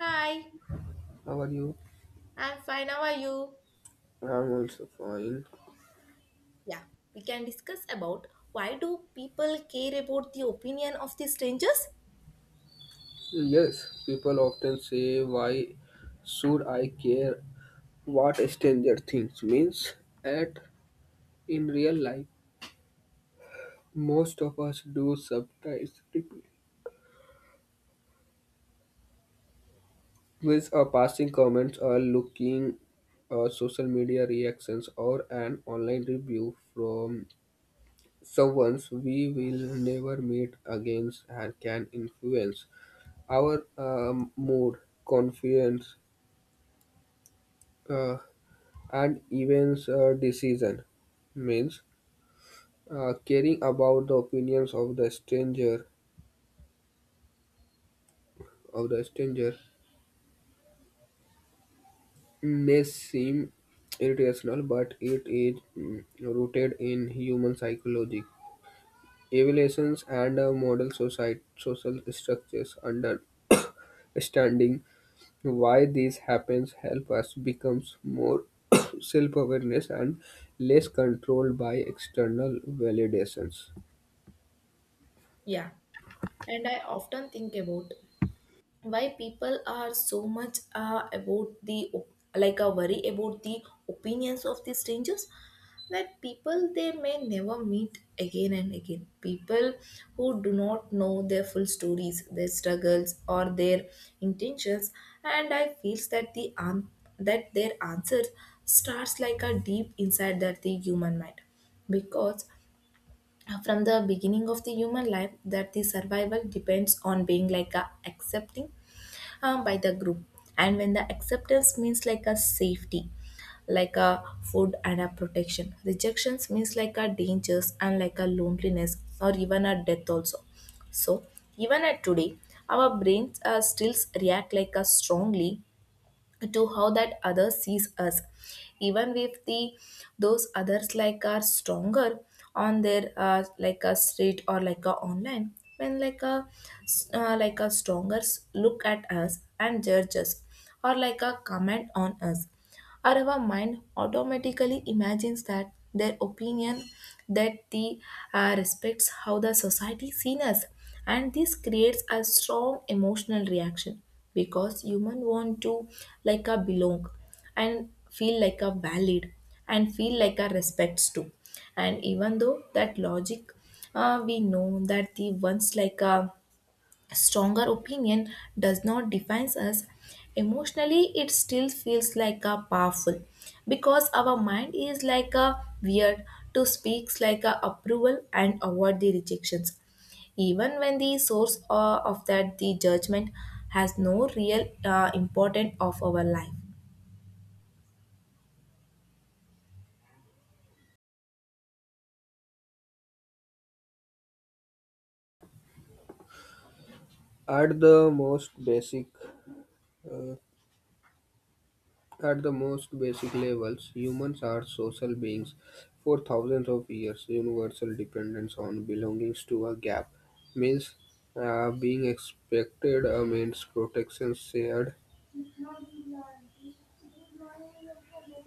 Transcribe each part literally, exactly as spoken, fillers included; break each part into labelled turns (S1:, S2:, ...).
S1: Hi,
S2: How are you?
S1: I'm fine. How are you?
S2: I'm also fine.
S1: Yeah, we can discuss about why do people care about the opinion of the strangers?
S2: Yes, people often say, "Why should I care what a stranger thinks?" means at In real life, most of us do sometimes with a passing comments or looking uh, social media reactions or an online review from someone we will never meet again and can influence our um, mood, confidence, uh, and events uh, decision means uh, caring about the opinions of the stranger of the stranger may seem irrational, but it is mm, rooted in human psychology evaluations and uh, model society social structures. Understanding why this happens help us becomes more self-awareness and less controlled by external validations.
S1: Yeah, and I often think about why people are so much uh, about the op- like a worry about the opinions of the strangers, that people they may never meet again and again, people who do not know their full stories, their struggles, or their intentions. And I feels that the an- that their answer starts like a deep inside that the human mind, because uh, from the beginning of the human life that the survival depends on being like a accepting uh, by the group. And when the acceptance means like a safety, like a food and a protection, rejections means like a dangers and like a loneliness or even a death also. So even at today, our brains uh, still react like a strongly to how that other sees us, even if the those others like are stronger on their uh, like a street or like a online. When like a s- uh, like a stronger s- look at us and judge us, or like a comment on us, or our mind automatically imagines that their opinion, that the uh, respects how the society seen us. And this creates a strong emotional reaction because human want to like a belong and feel like a valid and feel like a respects too. And even though that logic, uh, we know that the ones like a a stronger opinion does not define us. Emotionally, it still feels like a powerful because our mind is like a weird to speaks like a approval and avoid the rejections. Even when the source uh, of that the judgment has no real uh, important of our life.
S2: at the most basic At the most basic levels, humans are social beings. For thousands of years, universal dependence on belongings to a gap means uh, being expected uh, means protection, shared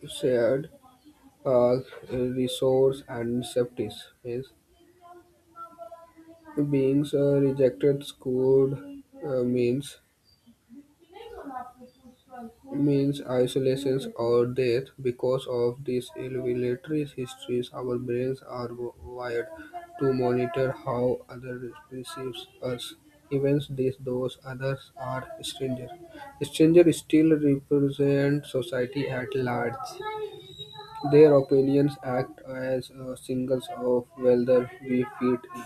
S2: shared uh, resource and safeties, means beings uh, rejected could uh, means means isolations, or death. Because of these evolutionary histories, our brains are w- wired to monitor how others perceive us, even these those others are stranger. Stranger still represent society at large. Their opinions act as uh, signals of whether we fit in,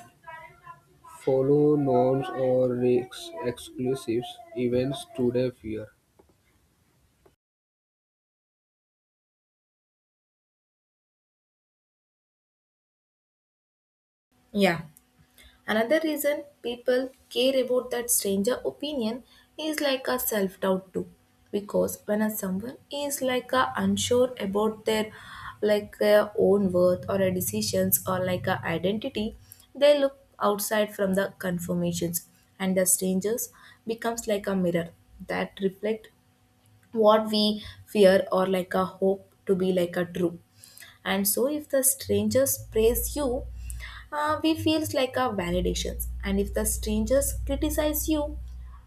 S2: follow norms, or risk exclusives. Events today fear.
S1: Yeah. Another reason people care about that stranger opinion is like a self doubt too, because when a someone is like a unsure about their, like their own worth or a decisions or like a identity, they look outside from the confirmations, and the strangers becomes like a mirror that reflect what we fear or like a hope to be like a true. And so, if the stranger praise you, uh, we feels like a validations, and if the strangers criticize you,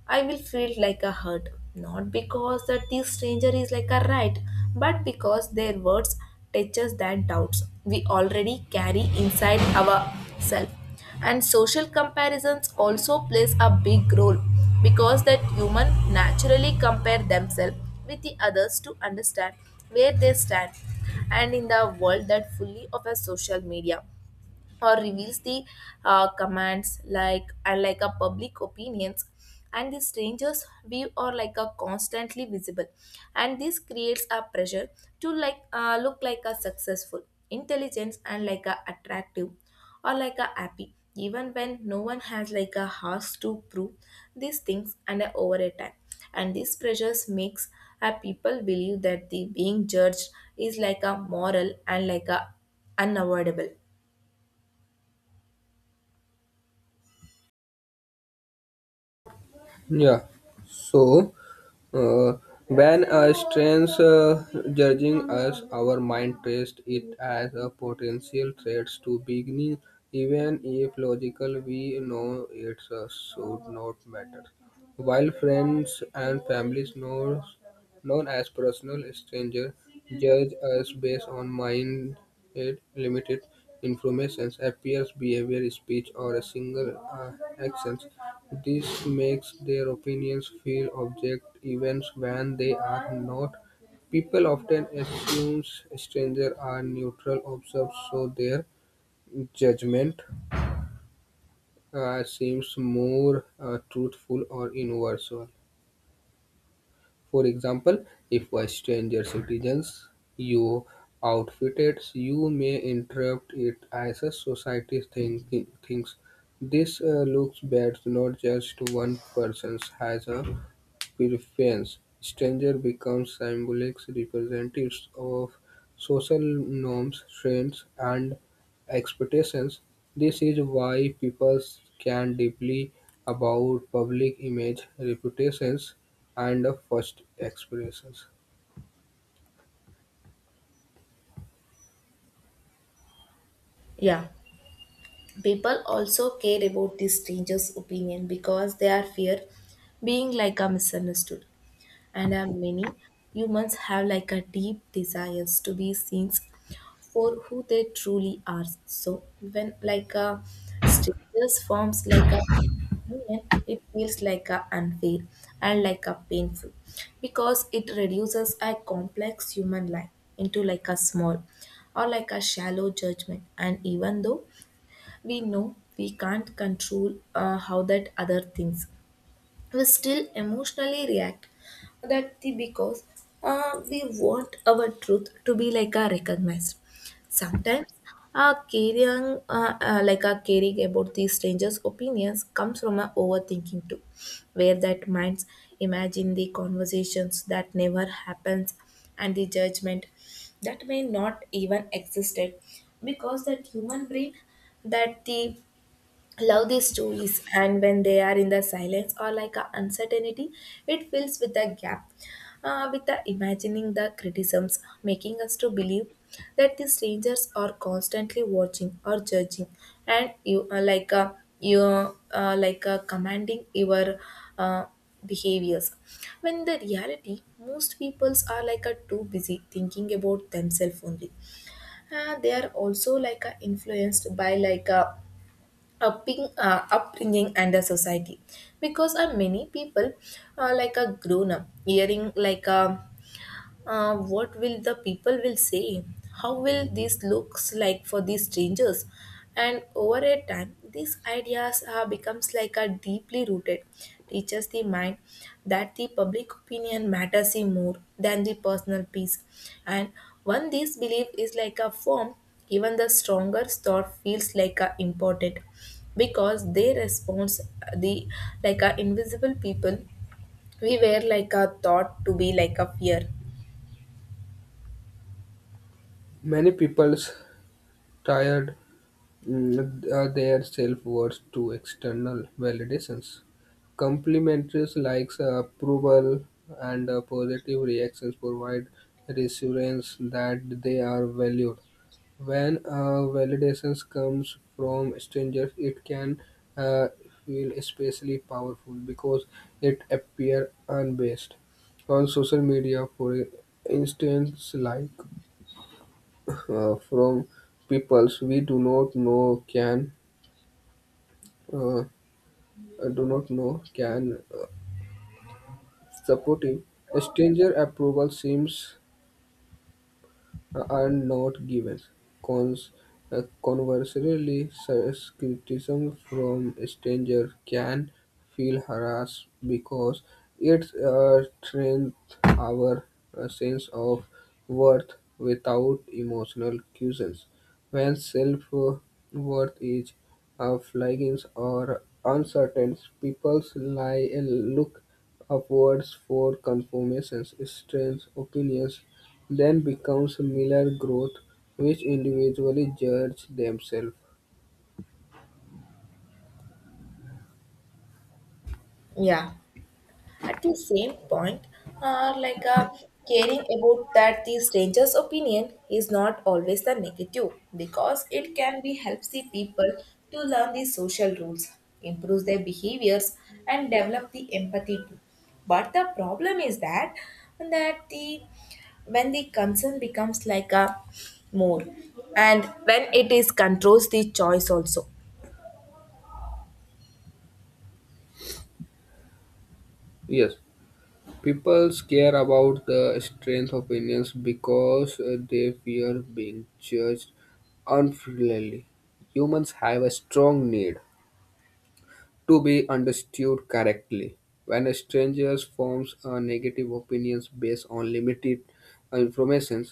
S1: I will feel like a hurt, not because that this stranger is like a right, but because their words touches that doubts we already carry inside our self. And social comparisons also plays a big role because that human naturally compare themselves with the others to understand where they stand. And in the world that fully of a social media or reveals the uh, commands like and like a public opinions, and the strangers view are like a constantly visible, and this creates a pressure to like uh, look like a successful, intelligence, and like a attractive or like a happy, even when no one has like a has to prove these things. And a over a time, and these pressures makes a people believe that the being judged is like a moral and like a unavoidable.
S2: Yeah. So, uh, when a strange uh, judging us, our mind treats it as a potential threat to beginning, even if logical we know it uh, should not matter. While friends and families knows- known as personal stranger, judge us based on minute, limited information, appearance, behavior, speech, or a single uh, action, this makes their opinions feel object even when they are not. People often assume strangers are neutral observers, so their judgment uh, seems more uh, truthful or universal. For example, if a stranger citizens you outfitted, you may interrupt it as a society thinking, thinks. This uh, looks bad, not just one person has a preference. Stranger becomes symbolic representatives of social norms, trends, and expectations. This is why people can deeply about public image, reputations, and first expressions.
S1: Yeah. People also care about the stranger's opinion because they are fear being like a misunderstood. And are many humans have like a deep desires to be seen for who they truly are. So when like a strangers forms like a opinion, it feels like a unfair and like a painful because it reduces a complex human life into like a small or like a shallow judgment. And even though we know we can't control uh, how that other things, we still emotionally react, that the because uh, we want our truth to be like a recognized. Sometimes uh, caring uh, uh, like a caring about the strangers opinions comes from a overthinking too, where that minds imagine the conversations that never happens and the judgment that may not even existed, because that human brain, that the love these stories, and when they are in the silence or like a uncertainty, it fills with a gap uh, with the imagining the criticisms, making us to believe that the strangers are constantly watching or judging, and you are like a you uh, like a commanding your uh, behaviors, when the reality most peoples are like a too busy thinking about themselves only. Uh, they are also like a influenced by like a upping, uh, upbringing and the society, because uh, many people, uh, like a grown up hearing like a, uh, what will the people will say? How will this looks like for these strangers? And over a time, these ideas are becomes like a deeply rooted, teaches the mind that the public opinion matters in more than the personal peace. And when this belief is like a form, even the stronger thought feels like a important because they response uh, the like a invisible people we were like a thought to be like a fear.
S2: Many people tired Mm, uh, their self-worth to external validations. Complimentaries like uh, approval and uh, positive reactions provide reassurance that they are valued. When uh, validations comes from strangers, it can uh, feel especially powerful because it appear unbased. On social media, for instance, like uh, from peoples we do not know can uh, do not know can uh, support him. Stranger approval seems uh, are not given. Cons, uh, Conversely, such criticism from stranger can feel harassed because it uh, strengthens our uh, sense of worth without emotional cuisines. When self-worth is uh, flagging or uncertain, people lie and look upwards for confirmations. Strange opinions then becomes mirror growth, which individually judge themselves.
S1: Yeah. At the same point, uh, like uh, caring about that the stranger's opinion is not always the negative, because it can be helps the people to learn the social rules, improve their behaviors, and develop the empathy too. But the problem is that that the, when the concern becomes like a more, and when it is controls the choice also,
S2: Yes, people care about the strength of opinions because uh, they fear being judged unfairly. Humans have a strong need to be understood correctly. When a stranger forms a negative opinions based on limited information,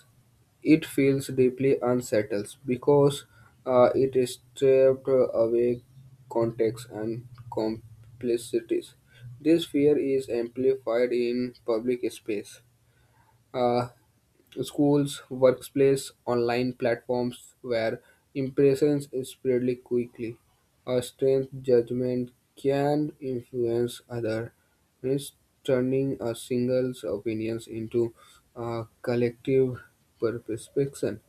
S2: it feels deeply unsettled because uh, it is stripped away context and complexities. This fear is amplified in public space, uh, schools, workplace, online platforms where impressions spread quickly. A strange judgment can influence others, turning a single's opinions into a collective perception.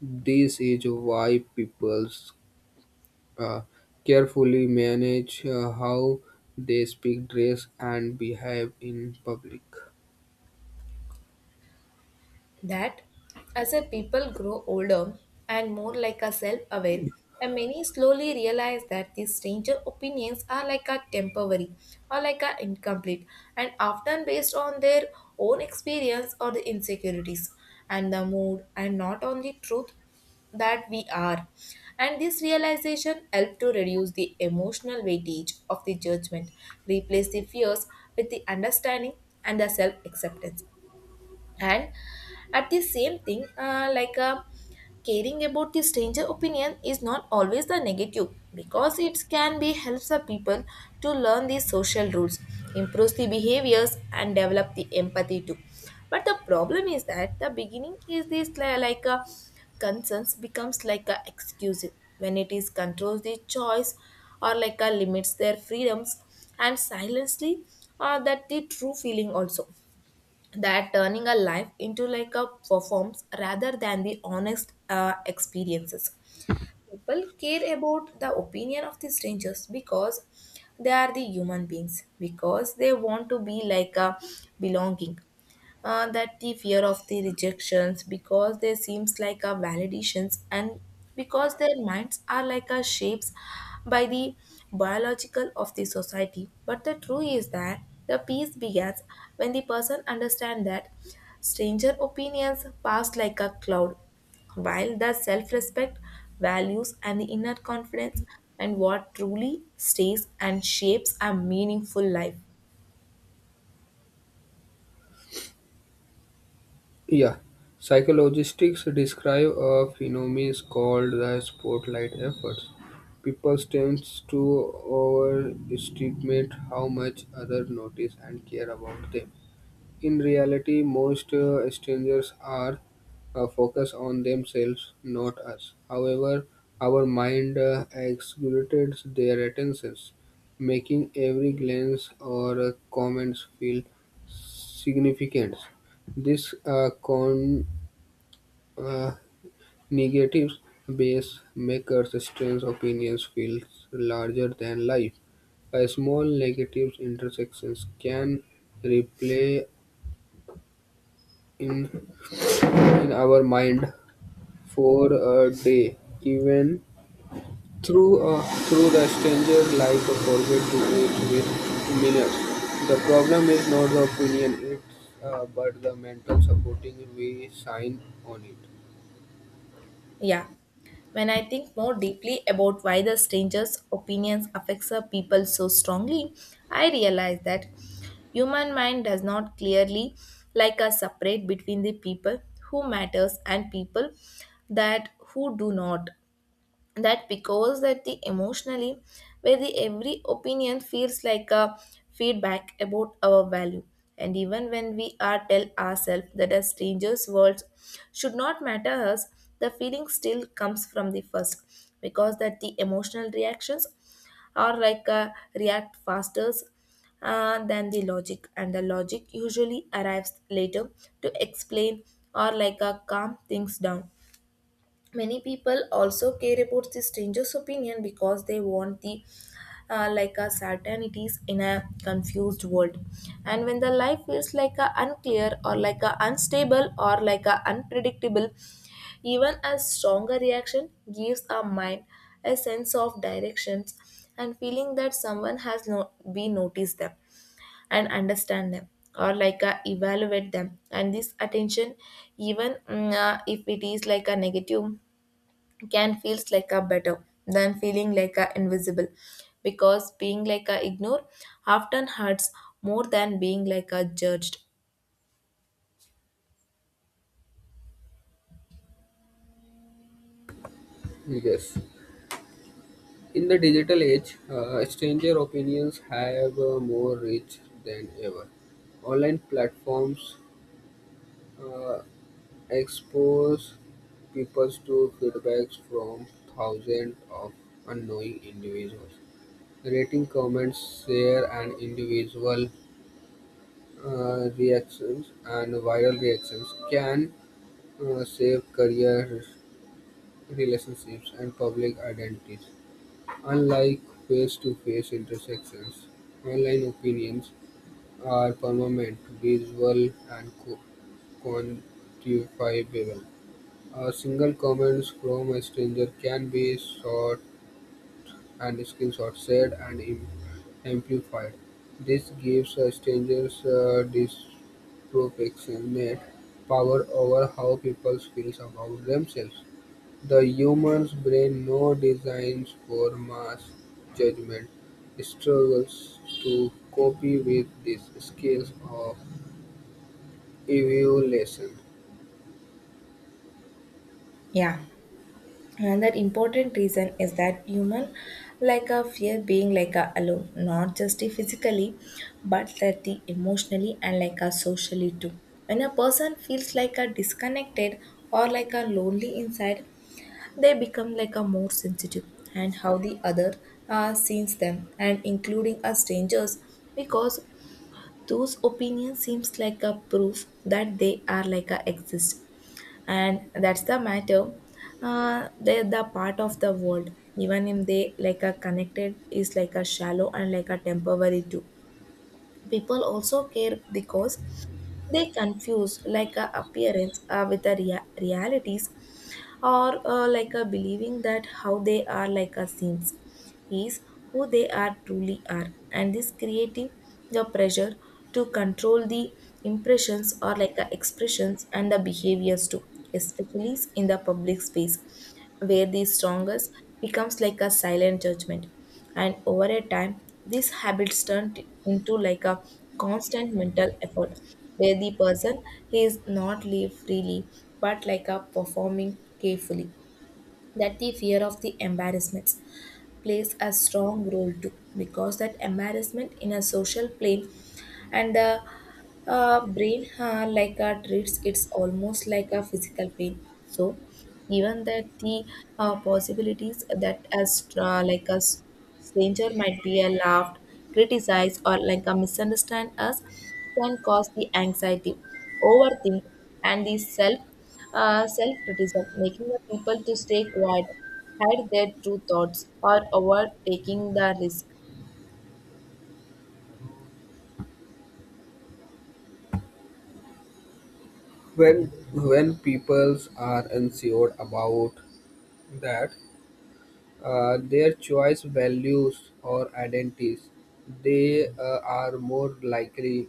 S2: This is why people uh, carefully manage uh, how they speak, dress, and behave in public.
S1: that as a people grow older and more like a self-aware, and many slowly realize that these stranger opinions are like a temporary or like a incomplete, and often based on their own experience or the insecurities and the mood, and not on the truth that we are. And this realization helped to reduce the emotional weightage of the judgment, replace the fears with the understanding and the self acceptance. And at the same thing, uh, like uh, caring about the stranger opinion is not always the negative, because it can be helps the people to learn the social rules, improves the behaviors, and develop the empathy too. But the problem is that the beginning is this li- like a concerns becomes like a excuse, when it is controls the choice or like a limits their freedoms, and silently uh, that the true feeling also, that turning a life into like a performance rather than the honest uh, experiences. People care about the opinion of the strangers because they are the human beings, because they want to be like a belonging, uh, that the fear of the rejections, because they seems like a validations, and because their minds are like a shapes by the biological of the society. But the truth is that the peace begins when the person understand that stranger opinions pass like a cloud, while the self-respect, values, and the inner confidence and what truly stays and shapes a meaningful life.
S2: Yeah, psychologists describe a phenomenon called the spotlight effect. People tend to overestimate how much others notice and care about them. In reality, most uh, strangers are uh, focused on themselves, not us. However, our mind uh, exaggerates their attentions, making every glance or uh, comments feel significance. This uh, con uh, negatives base makers' strange opinions feel larger than life. A small negative intersections can replay in in our mind for a day, even through a, through the stranger like a forget to eat with minutes. The problem is not the opinion, it's uh, but the mental supporting we sign on it.
S1: Yeah. When I think more deeply about why the stranger's opinions affects a people so strongly, I realize that human mind does not clearly like us separate between the people who matters and people that who do not, that because that the emotionally, where the every opinion feels like a feedback about our value. And even when we are tell ourselves that a stranger's words should not matter us, the feeling still comes from the first, because that the emotional reactions are like a react faster uh, than the logic, and the logic usually arrives later to explain or like a calm things down. Many people also care about the stranger's opinion because they want the uh, like a certainties in a confused world, and when the life feels like a unclear or like a unstable or like a unpredictable, even a stronger reaction gives our mind a sense of directions and feeling that someone has no we noticed them and understand them or like a evaluate them. And this attention, even mm, uh, if it is like a negative, can feels like a better than feeling like a invisible, because being like a ignore often hurts more than being like a judged.
S2: Yes. In the digital age, uh, stranger opinions have uh, more reach than ever. Online platforms uh, expose people to feedbacks from thousands of unknowing individuals. Rating comments, share, and individual uh, reactions and viral reactions can uh, shape career, relationships, and public identities. Unlike face-to-face intersections, online opinions are permanent, visual, and co- quantifiable. A single comment from a stranger can be sought and screenshot, shared, and im- amplified. This gives a stranger's uh, disproportionate power over how people feel about themselves. The human's brain, now designed for mass judgment, struggles to cope with this scale of evaluation.
S1: Yeah. And that important reason is that human like a fear being like a alone, not just the physically but that the emotionally and like a socially too. When a person feels like a disconnected or like a lonely inside, they become like a more sensitive and how the other uh, sees them, and including us strangers, because those opinions seems like a proof that they are like a exist and that's the matter, uh, they're the part of the world, even if they like a connected is like a shallow and like a temporary too. People also care because they confuse like a appearance, uh, with the rea- realities, or uh, like a believing that how they are like a seems is who they are truly are. And this creative the pressure to control the impressions or like a expressions and the behaviors too, especially in the public space where the strongest becomes like a silent judgment. And over a time these habits turn t- into like a constant mental effort, where the Person is not live freely but like a performing carefully that the fear of the embarrassments plays a strong role too because that embarrassment in a social plane and the uh, brain uh, like uh, treats it's almost like a physical pain. So even that the uh, possibilities that as uh, like a s- stranger might be a laughed, criticized, or like a misunderstand us can cause the anxiety, overthink, and the self uh, self-criticism, making the people to stay quiet, hide their true thoughts, or avoid taking the risk.
S2: When, when people are unsure about that, uh, their choice values or identities, they uh, are more likely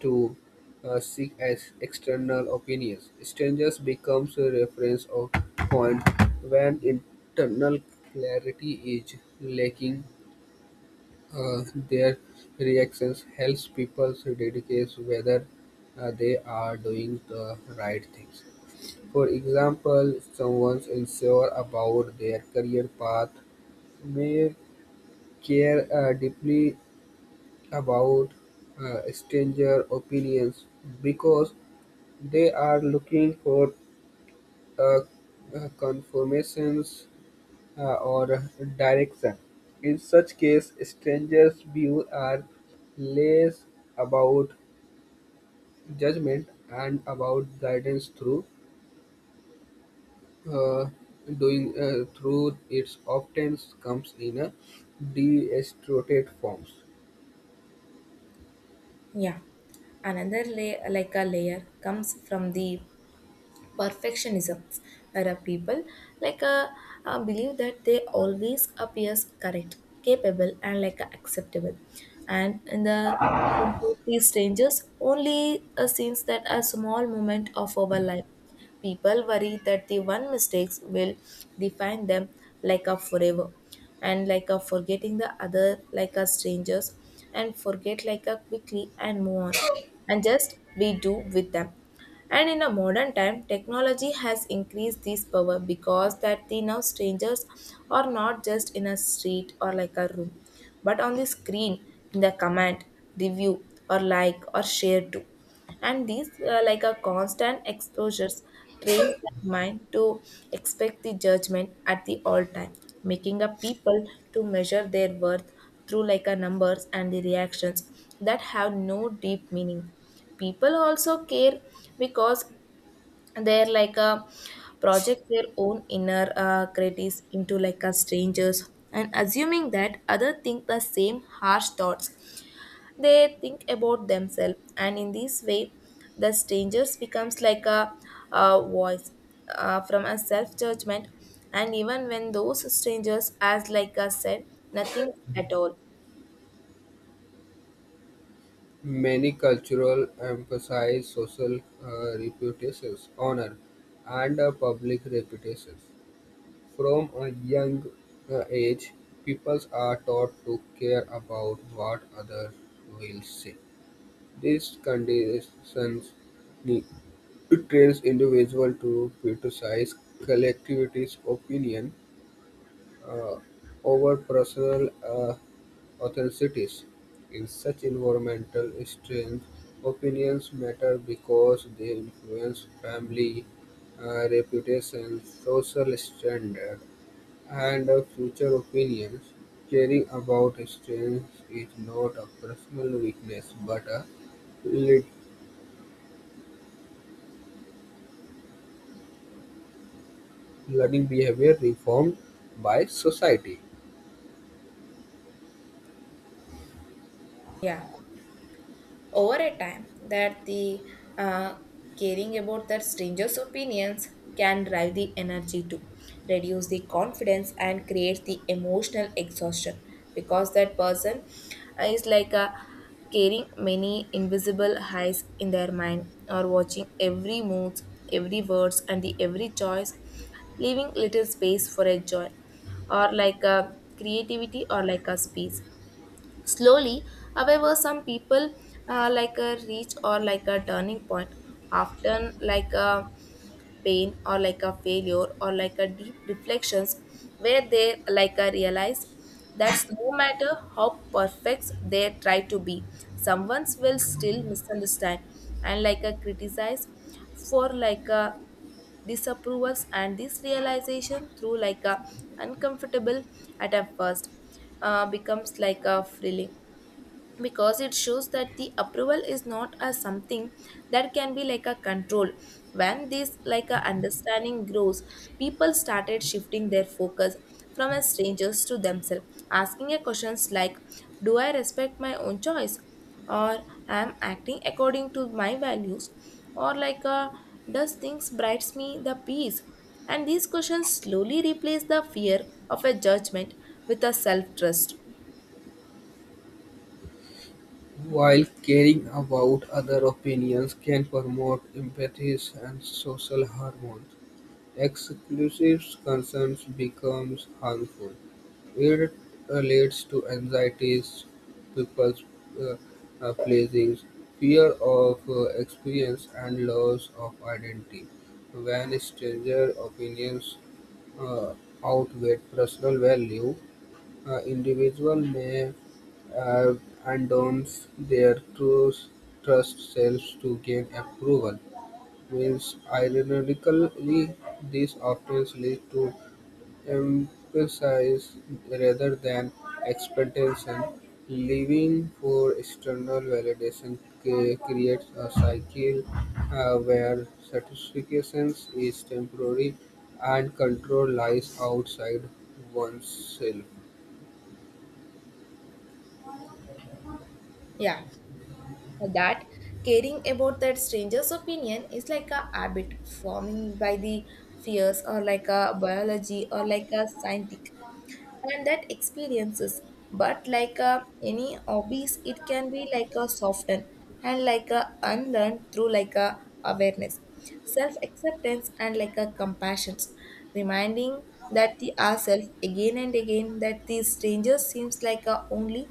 S2: to uh, seek as external opinions. Strangers becomes a reference or point when internal clarity is lacking. Uh, their reactions helps people to dedicate whether uh, they are doing the right things. For example, someone's unsure about their career path may care uh, deeply about uh, stranger opinions because they are looking for uh, uh, confirmations uh, or direction. In such case, strangers' views are less about judgment and about guidance through uh, doing uh, through its often comes in a distorted forms.
S1: Yeah. Another layer, like a layer, comes from the perfectionism are people like uh, uh, believe that they always appears correct, capable, and like uh, acceptable. And in the these strangers only uh, seems that a small moment of our life, people worry that the one mistakes will define them like a forever, and like a forgetting the other like a strangers and forget like a quickly and move on, and just we do with them. And in a modern time, technology has increased this power because that the now strangers are not just in a street or like a room, but on the screen, in the comment, review, or like or share too. And these uh, like a constant exposures trains the mind to expect the judgment at the all time, making a people to measure their worth through like a numbers and the reactions that have no deep meaning. People also care because they're like a project their own inner uh, critics into like a strangers and assuming that other think the same harsh thoughts they think about themselves. And in this way the strangers becomes like a, a voice uh, from a self judgment, and even when those strangers as like I said nothing at all.
S2: Many cultural emphasize social uh, reputations, honor, and uh, public reputations. From a young uh, age, people are taught to care about what others will say. These conditions ne- trains individual to criticize collectivities opinion uh, over personal uh, authorities. In such environmental strains, opinions matter because they influence family uh, reputation, social standard, and uh, future opinions. Caring about strains is not a personal weakness but a le- learning behavior reformed by society.
S1: Yeah. Over a time that the uh, caring about that stranger's opinions can drive the energy to reduce the confidence and create the emotional exhaustion because that person is like a carrying many invisible eyes in their mind or watching every move, every words, and the every choice, leaving little space for a joy or like a creativity or like a space. Slowly, however, some people uh, like a reach or like a turning point, often like a pain or like a failure or like a deep reflections, where they like a realize that no matter how perfect they try to be, someone will still misunderstand and like a criticize for like a disapprovals. And this realization through like a uncomfortable at a first uh, becomes like a thrilling because it shows that the approval is not as something that can be like a control. When this like a understanding grows, people started shifting their focus from as strangers to themselves, asking a questions like, do I respect my own choice, or am acting according to my values, or like a does things brights me the peace? And these questions slowly replace the fear of a judgment with a self trust.
S2: While caring about other opinions can promote empathy and social harmony, exclusive concerns becomes harmful; it uh, leads to anxiety, people-pleasing, fear of uh, experience, and loss of identity. When stranger opinions uh, outweigh personal value, uh, individual may uh, endorse their true trust selves to gain approval. Means, ironically, this often leads to emphasis rather than expectation. Living for external validation ca- creates a cycle uh, where satisfaction is temporary and control lies outside oneself.
S1: Yeah, that caring about that stranger's opinion is like a habit forming by the fears or like a biology or like a scientific and that experiences, but like a, any hobbies it can be like a softened and like a unlearned through like a awareness, self acceptance, and like a compassion, reminding that the ourselves again and again that the stranger seems like a only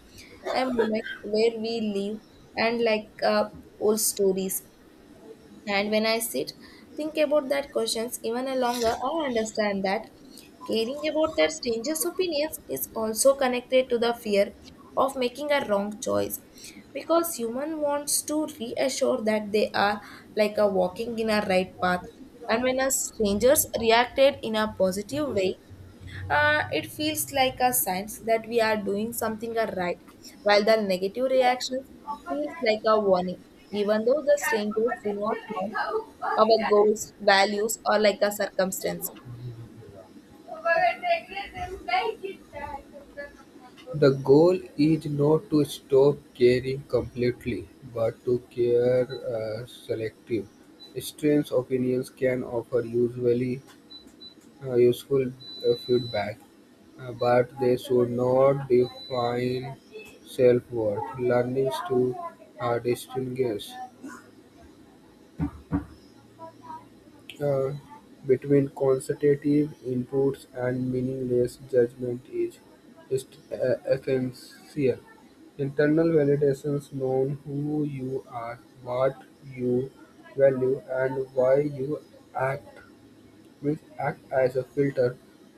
S1: a moment where we live, and like uh, old stories. And when I sit, think about that questions even a longer, I understand that caring about that stranger's opinions is also connected to the fear of making a wrong choice, because human wants to reassure that they are like a walking in a right path. And when a strangers reacted in a positive way, uh, it feels like a sense that we are doing something uh, right, while the negative reactions feels like a warning, even though the strangers do not know our goals, values, or like a circumstance.
S2: The goal is not to stop caring completely, but to care uh, selective. Strange opinions can offer usually uh, useful uh, feedback, uh, but they should not define self-worth. Learning to uh, distinguish Uh, between quantitative inputs and meaningless judgment is est- uh, essential. Internal validations known who you are, what you value, and why you act will act as a filter.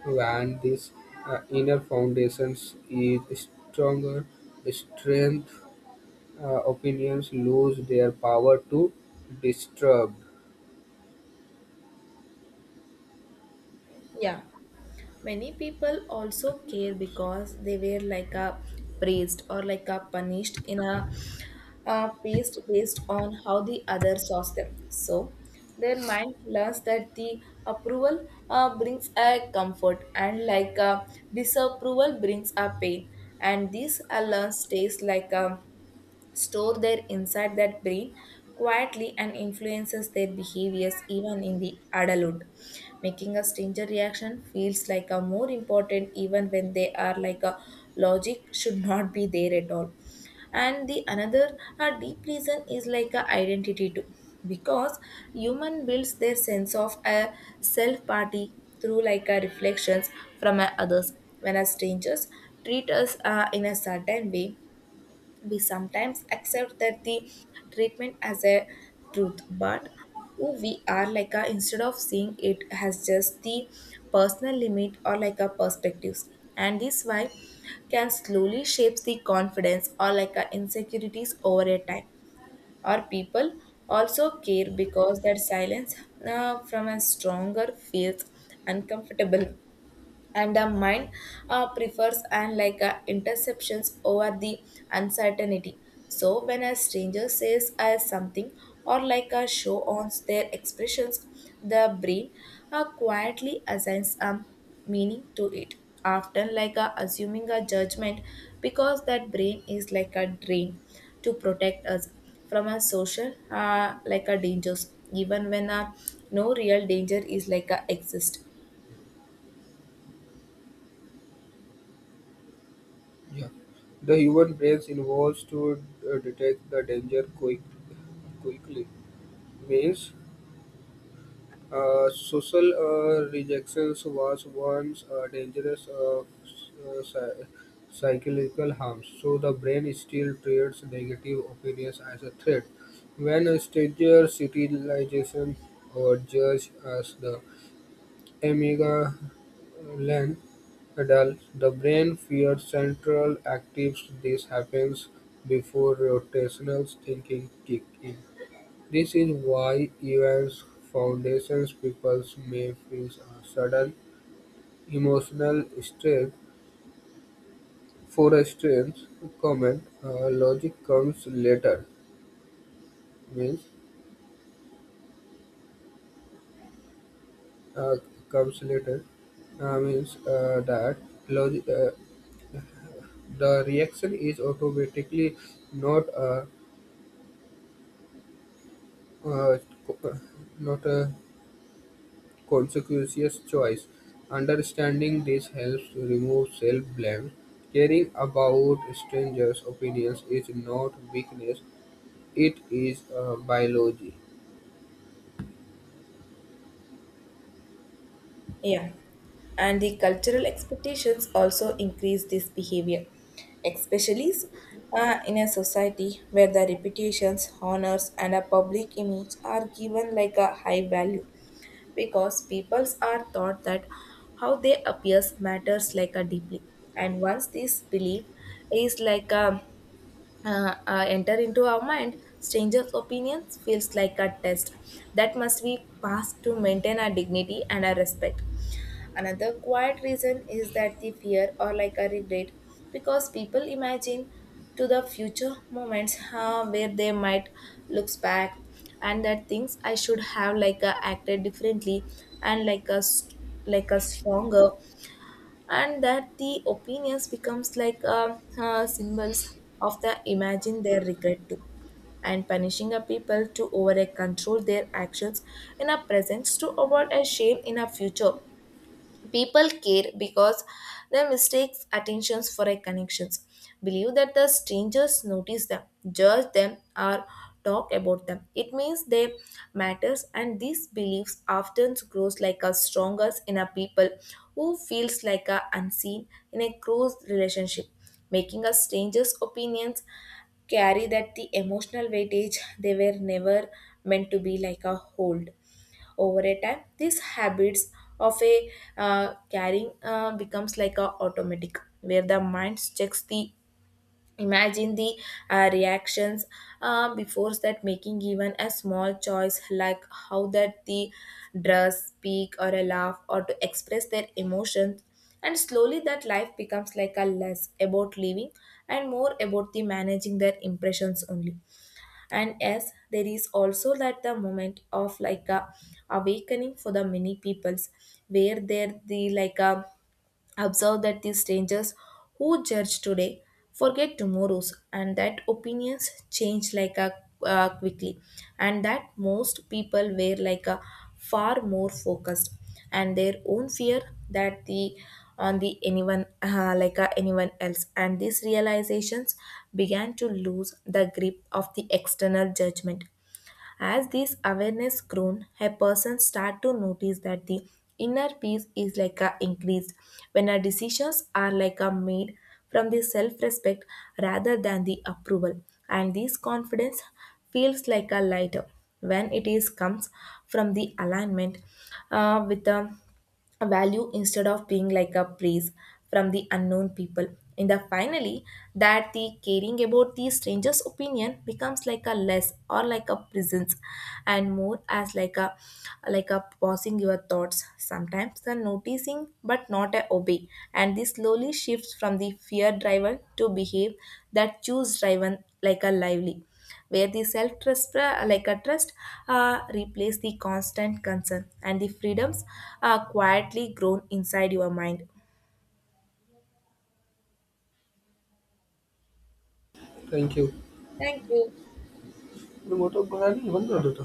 S2: When this uh, inner foundations is stronger strength uh, opinions lose their power to disturb.
S1: Yeah. Many people also care because they were like a praised or like a punished in a uh, paste based on how the other saw them. So their mind learns that the approval uh, brings a comfort and like a disapproval brings a pain, and this uh, learn stays like a store their inside that brain quietly and influences their behaviors even in the adulthood, making a stranger reaction feels like a more important even when they are like a logic should not be there at all. And the another a deep reason is like a identity too, because human builds their sense of a self party through like a reflections from a others. When a strangers treat us uh, in a certain way, we sometimes accept that the treatment as a truth, but who we are like a instead of seeing it as just the personal limit or like a perspectives. And this why can slowly shapes the confidence or like a insecurities over a time. Or people also care because that silence uh, from a stronger feels uncomfortable, and the mind uh, prefers and like uh, interceptions over the uncertainty. So when a stranger says uh, something or like a show on their expressions, the brain uh, quietly assigns a meaning to it, often like a assuming a judgment, because that brain is like a drain to protect us from a social uh, like a dangers even when uh, no real danger is like a exist.
S2: Yeah, the human brain evolves to uh, detect the danger quick, quickly. Means, uh, social uh, rejection was once uh, dangerous uh, uh, psy- psychological harm, so the brain still treats negative opinions as a threat. When a stranger civilization or judge as the Amygdalin adults, the brain feeds central actives, this happens before rotational thinking kicks in. This is why even foundation people may feel a sudden emotional stress for a strange comment. Uh, logic comes later means uh, comes later uh, means uh, that logic. uh, The reaction is automatically not a, a co- not a conscious choice. Understanding this helps remove self-blame. Caring about strangers' opinions is not weakness; it is a biology.
S1: Yeah, and the cultural expectations also increase this behavior, especially uh, in a society where the reputations, honors, and a public image are given like a high value, because peoples are taught that how they appears matters like a deeply. And once this belief is like a uh, uh, enter into our mind, strangers opinions feels like a test that must be passed to maintain our dignity and our respect. Another quiet reason is that the fear or like a regret, because people imagine to the future moments uh, where they might look back and that things I should have like uh, acted differently and like a st- like a stronger, and that the opinions becomes like uh, uh, symbols of the imagine their regret too, and punishing a people to over control their actions in a presence to avoid a shame in a future. People care because they mistakes attentions for a connections, believe that the strangers notice them, judge them, or talk about them. It means they matters, and these beliefs often grows like a strongest in a people who feels like a unseen in a close relationship, making a stranger's opinions carry that the emotional weightage they were never meant to be like a hold. Over a time, these habits of a uh, carrying uh, becomes like a automatic, where the mind checks the imagine the uh, reactions uh, before that making even a small choice, like how that the dress, speak, or a laugh, or to express their emotions. And slowly that life becomes like a less about living and more about the managing their impressions only. And yes, there is also that the moment of like a awakening for the many peoples, where there the like a observe that these strangers who judge today forget tomorrow's, and that opinions change like a uh, quickly, and that most people were like a far more focused and their own fear that the on the anyone uh, like a anyone else. And these realizations began to lose the grip of the external judgment. As this awareness grown, a person start to notice that the inner peace is like a increased when our decisions are like a made from the self-respect rather than the approval, and this confidence feels like a lighter when it is comes from the alignment uh, with the a value instead of being like a praise from the unknown people. And the finally, that the caring about the stranger's opinion becomes like a less or like a presence and more as like a, like a pausing your thoughts. Sometimes the noticing but not a obey. And this slowly shifts from the fear driven to behave that choose driven like a lively, where the self trust, like a trust, uh, replace the constant concern, and the freedoms are quietly grown inside your mind.
S2: Thank you.
S1: Thank you.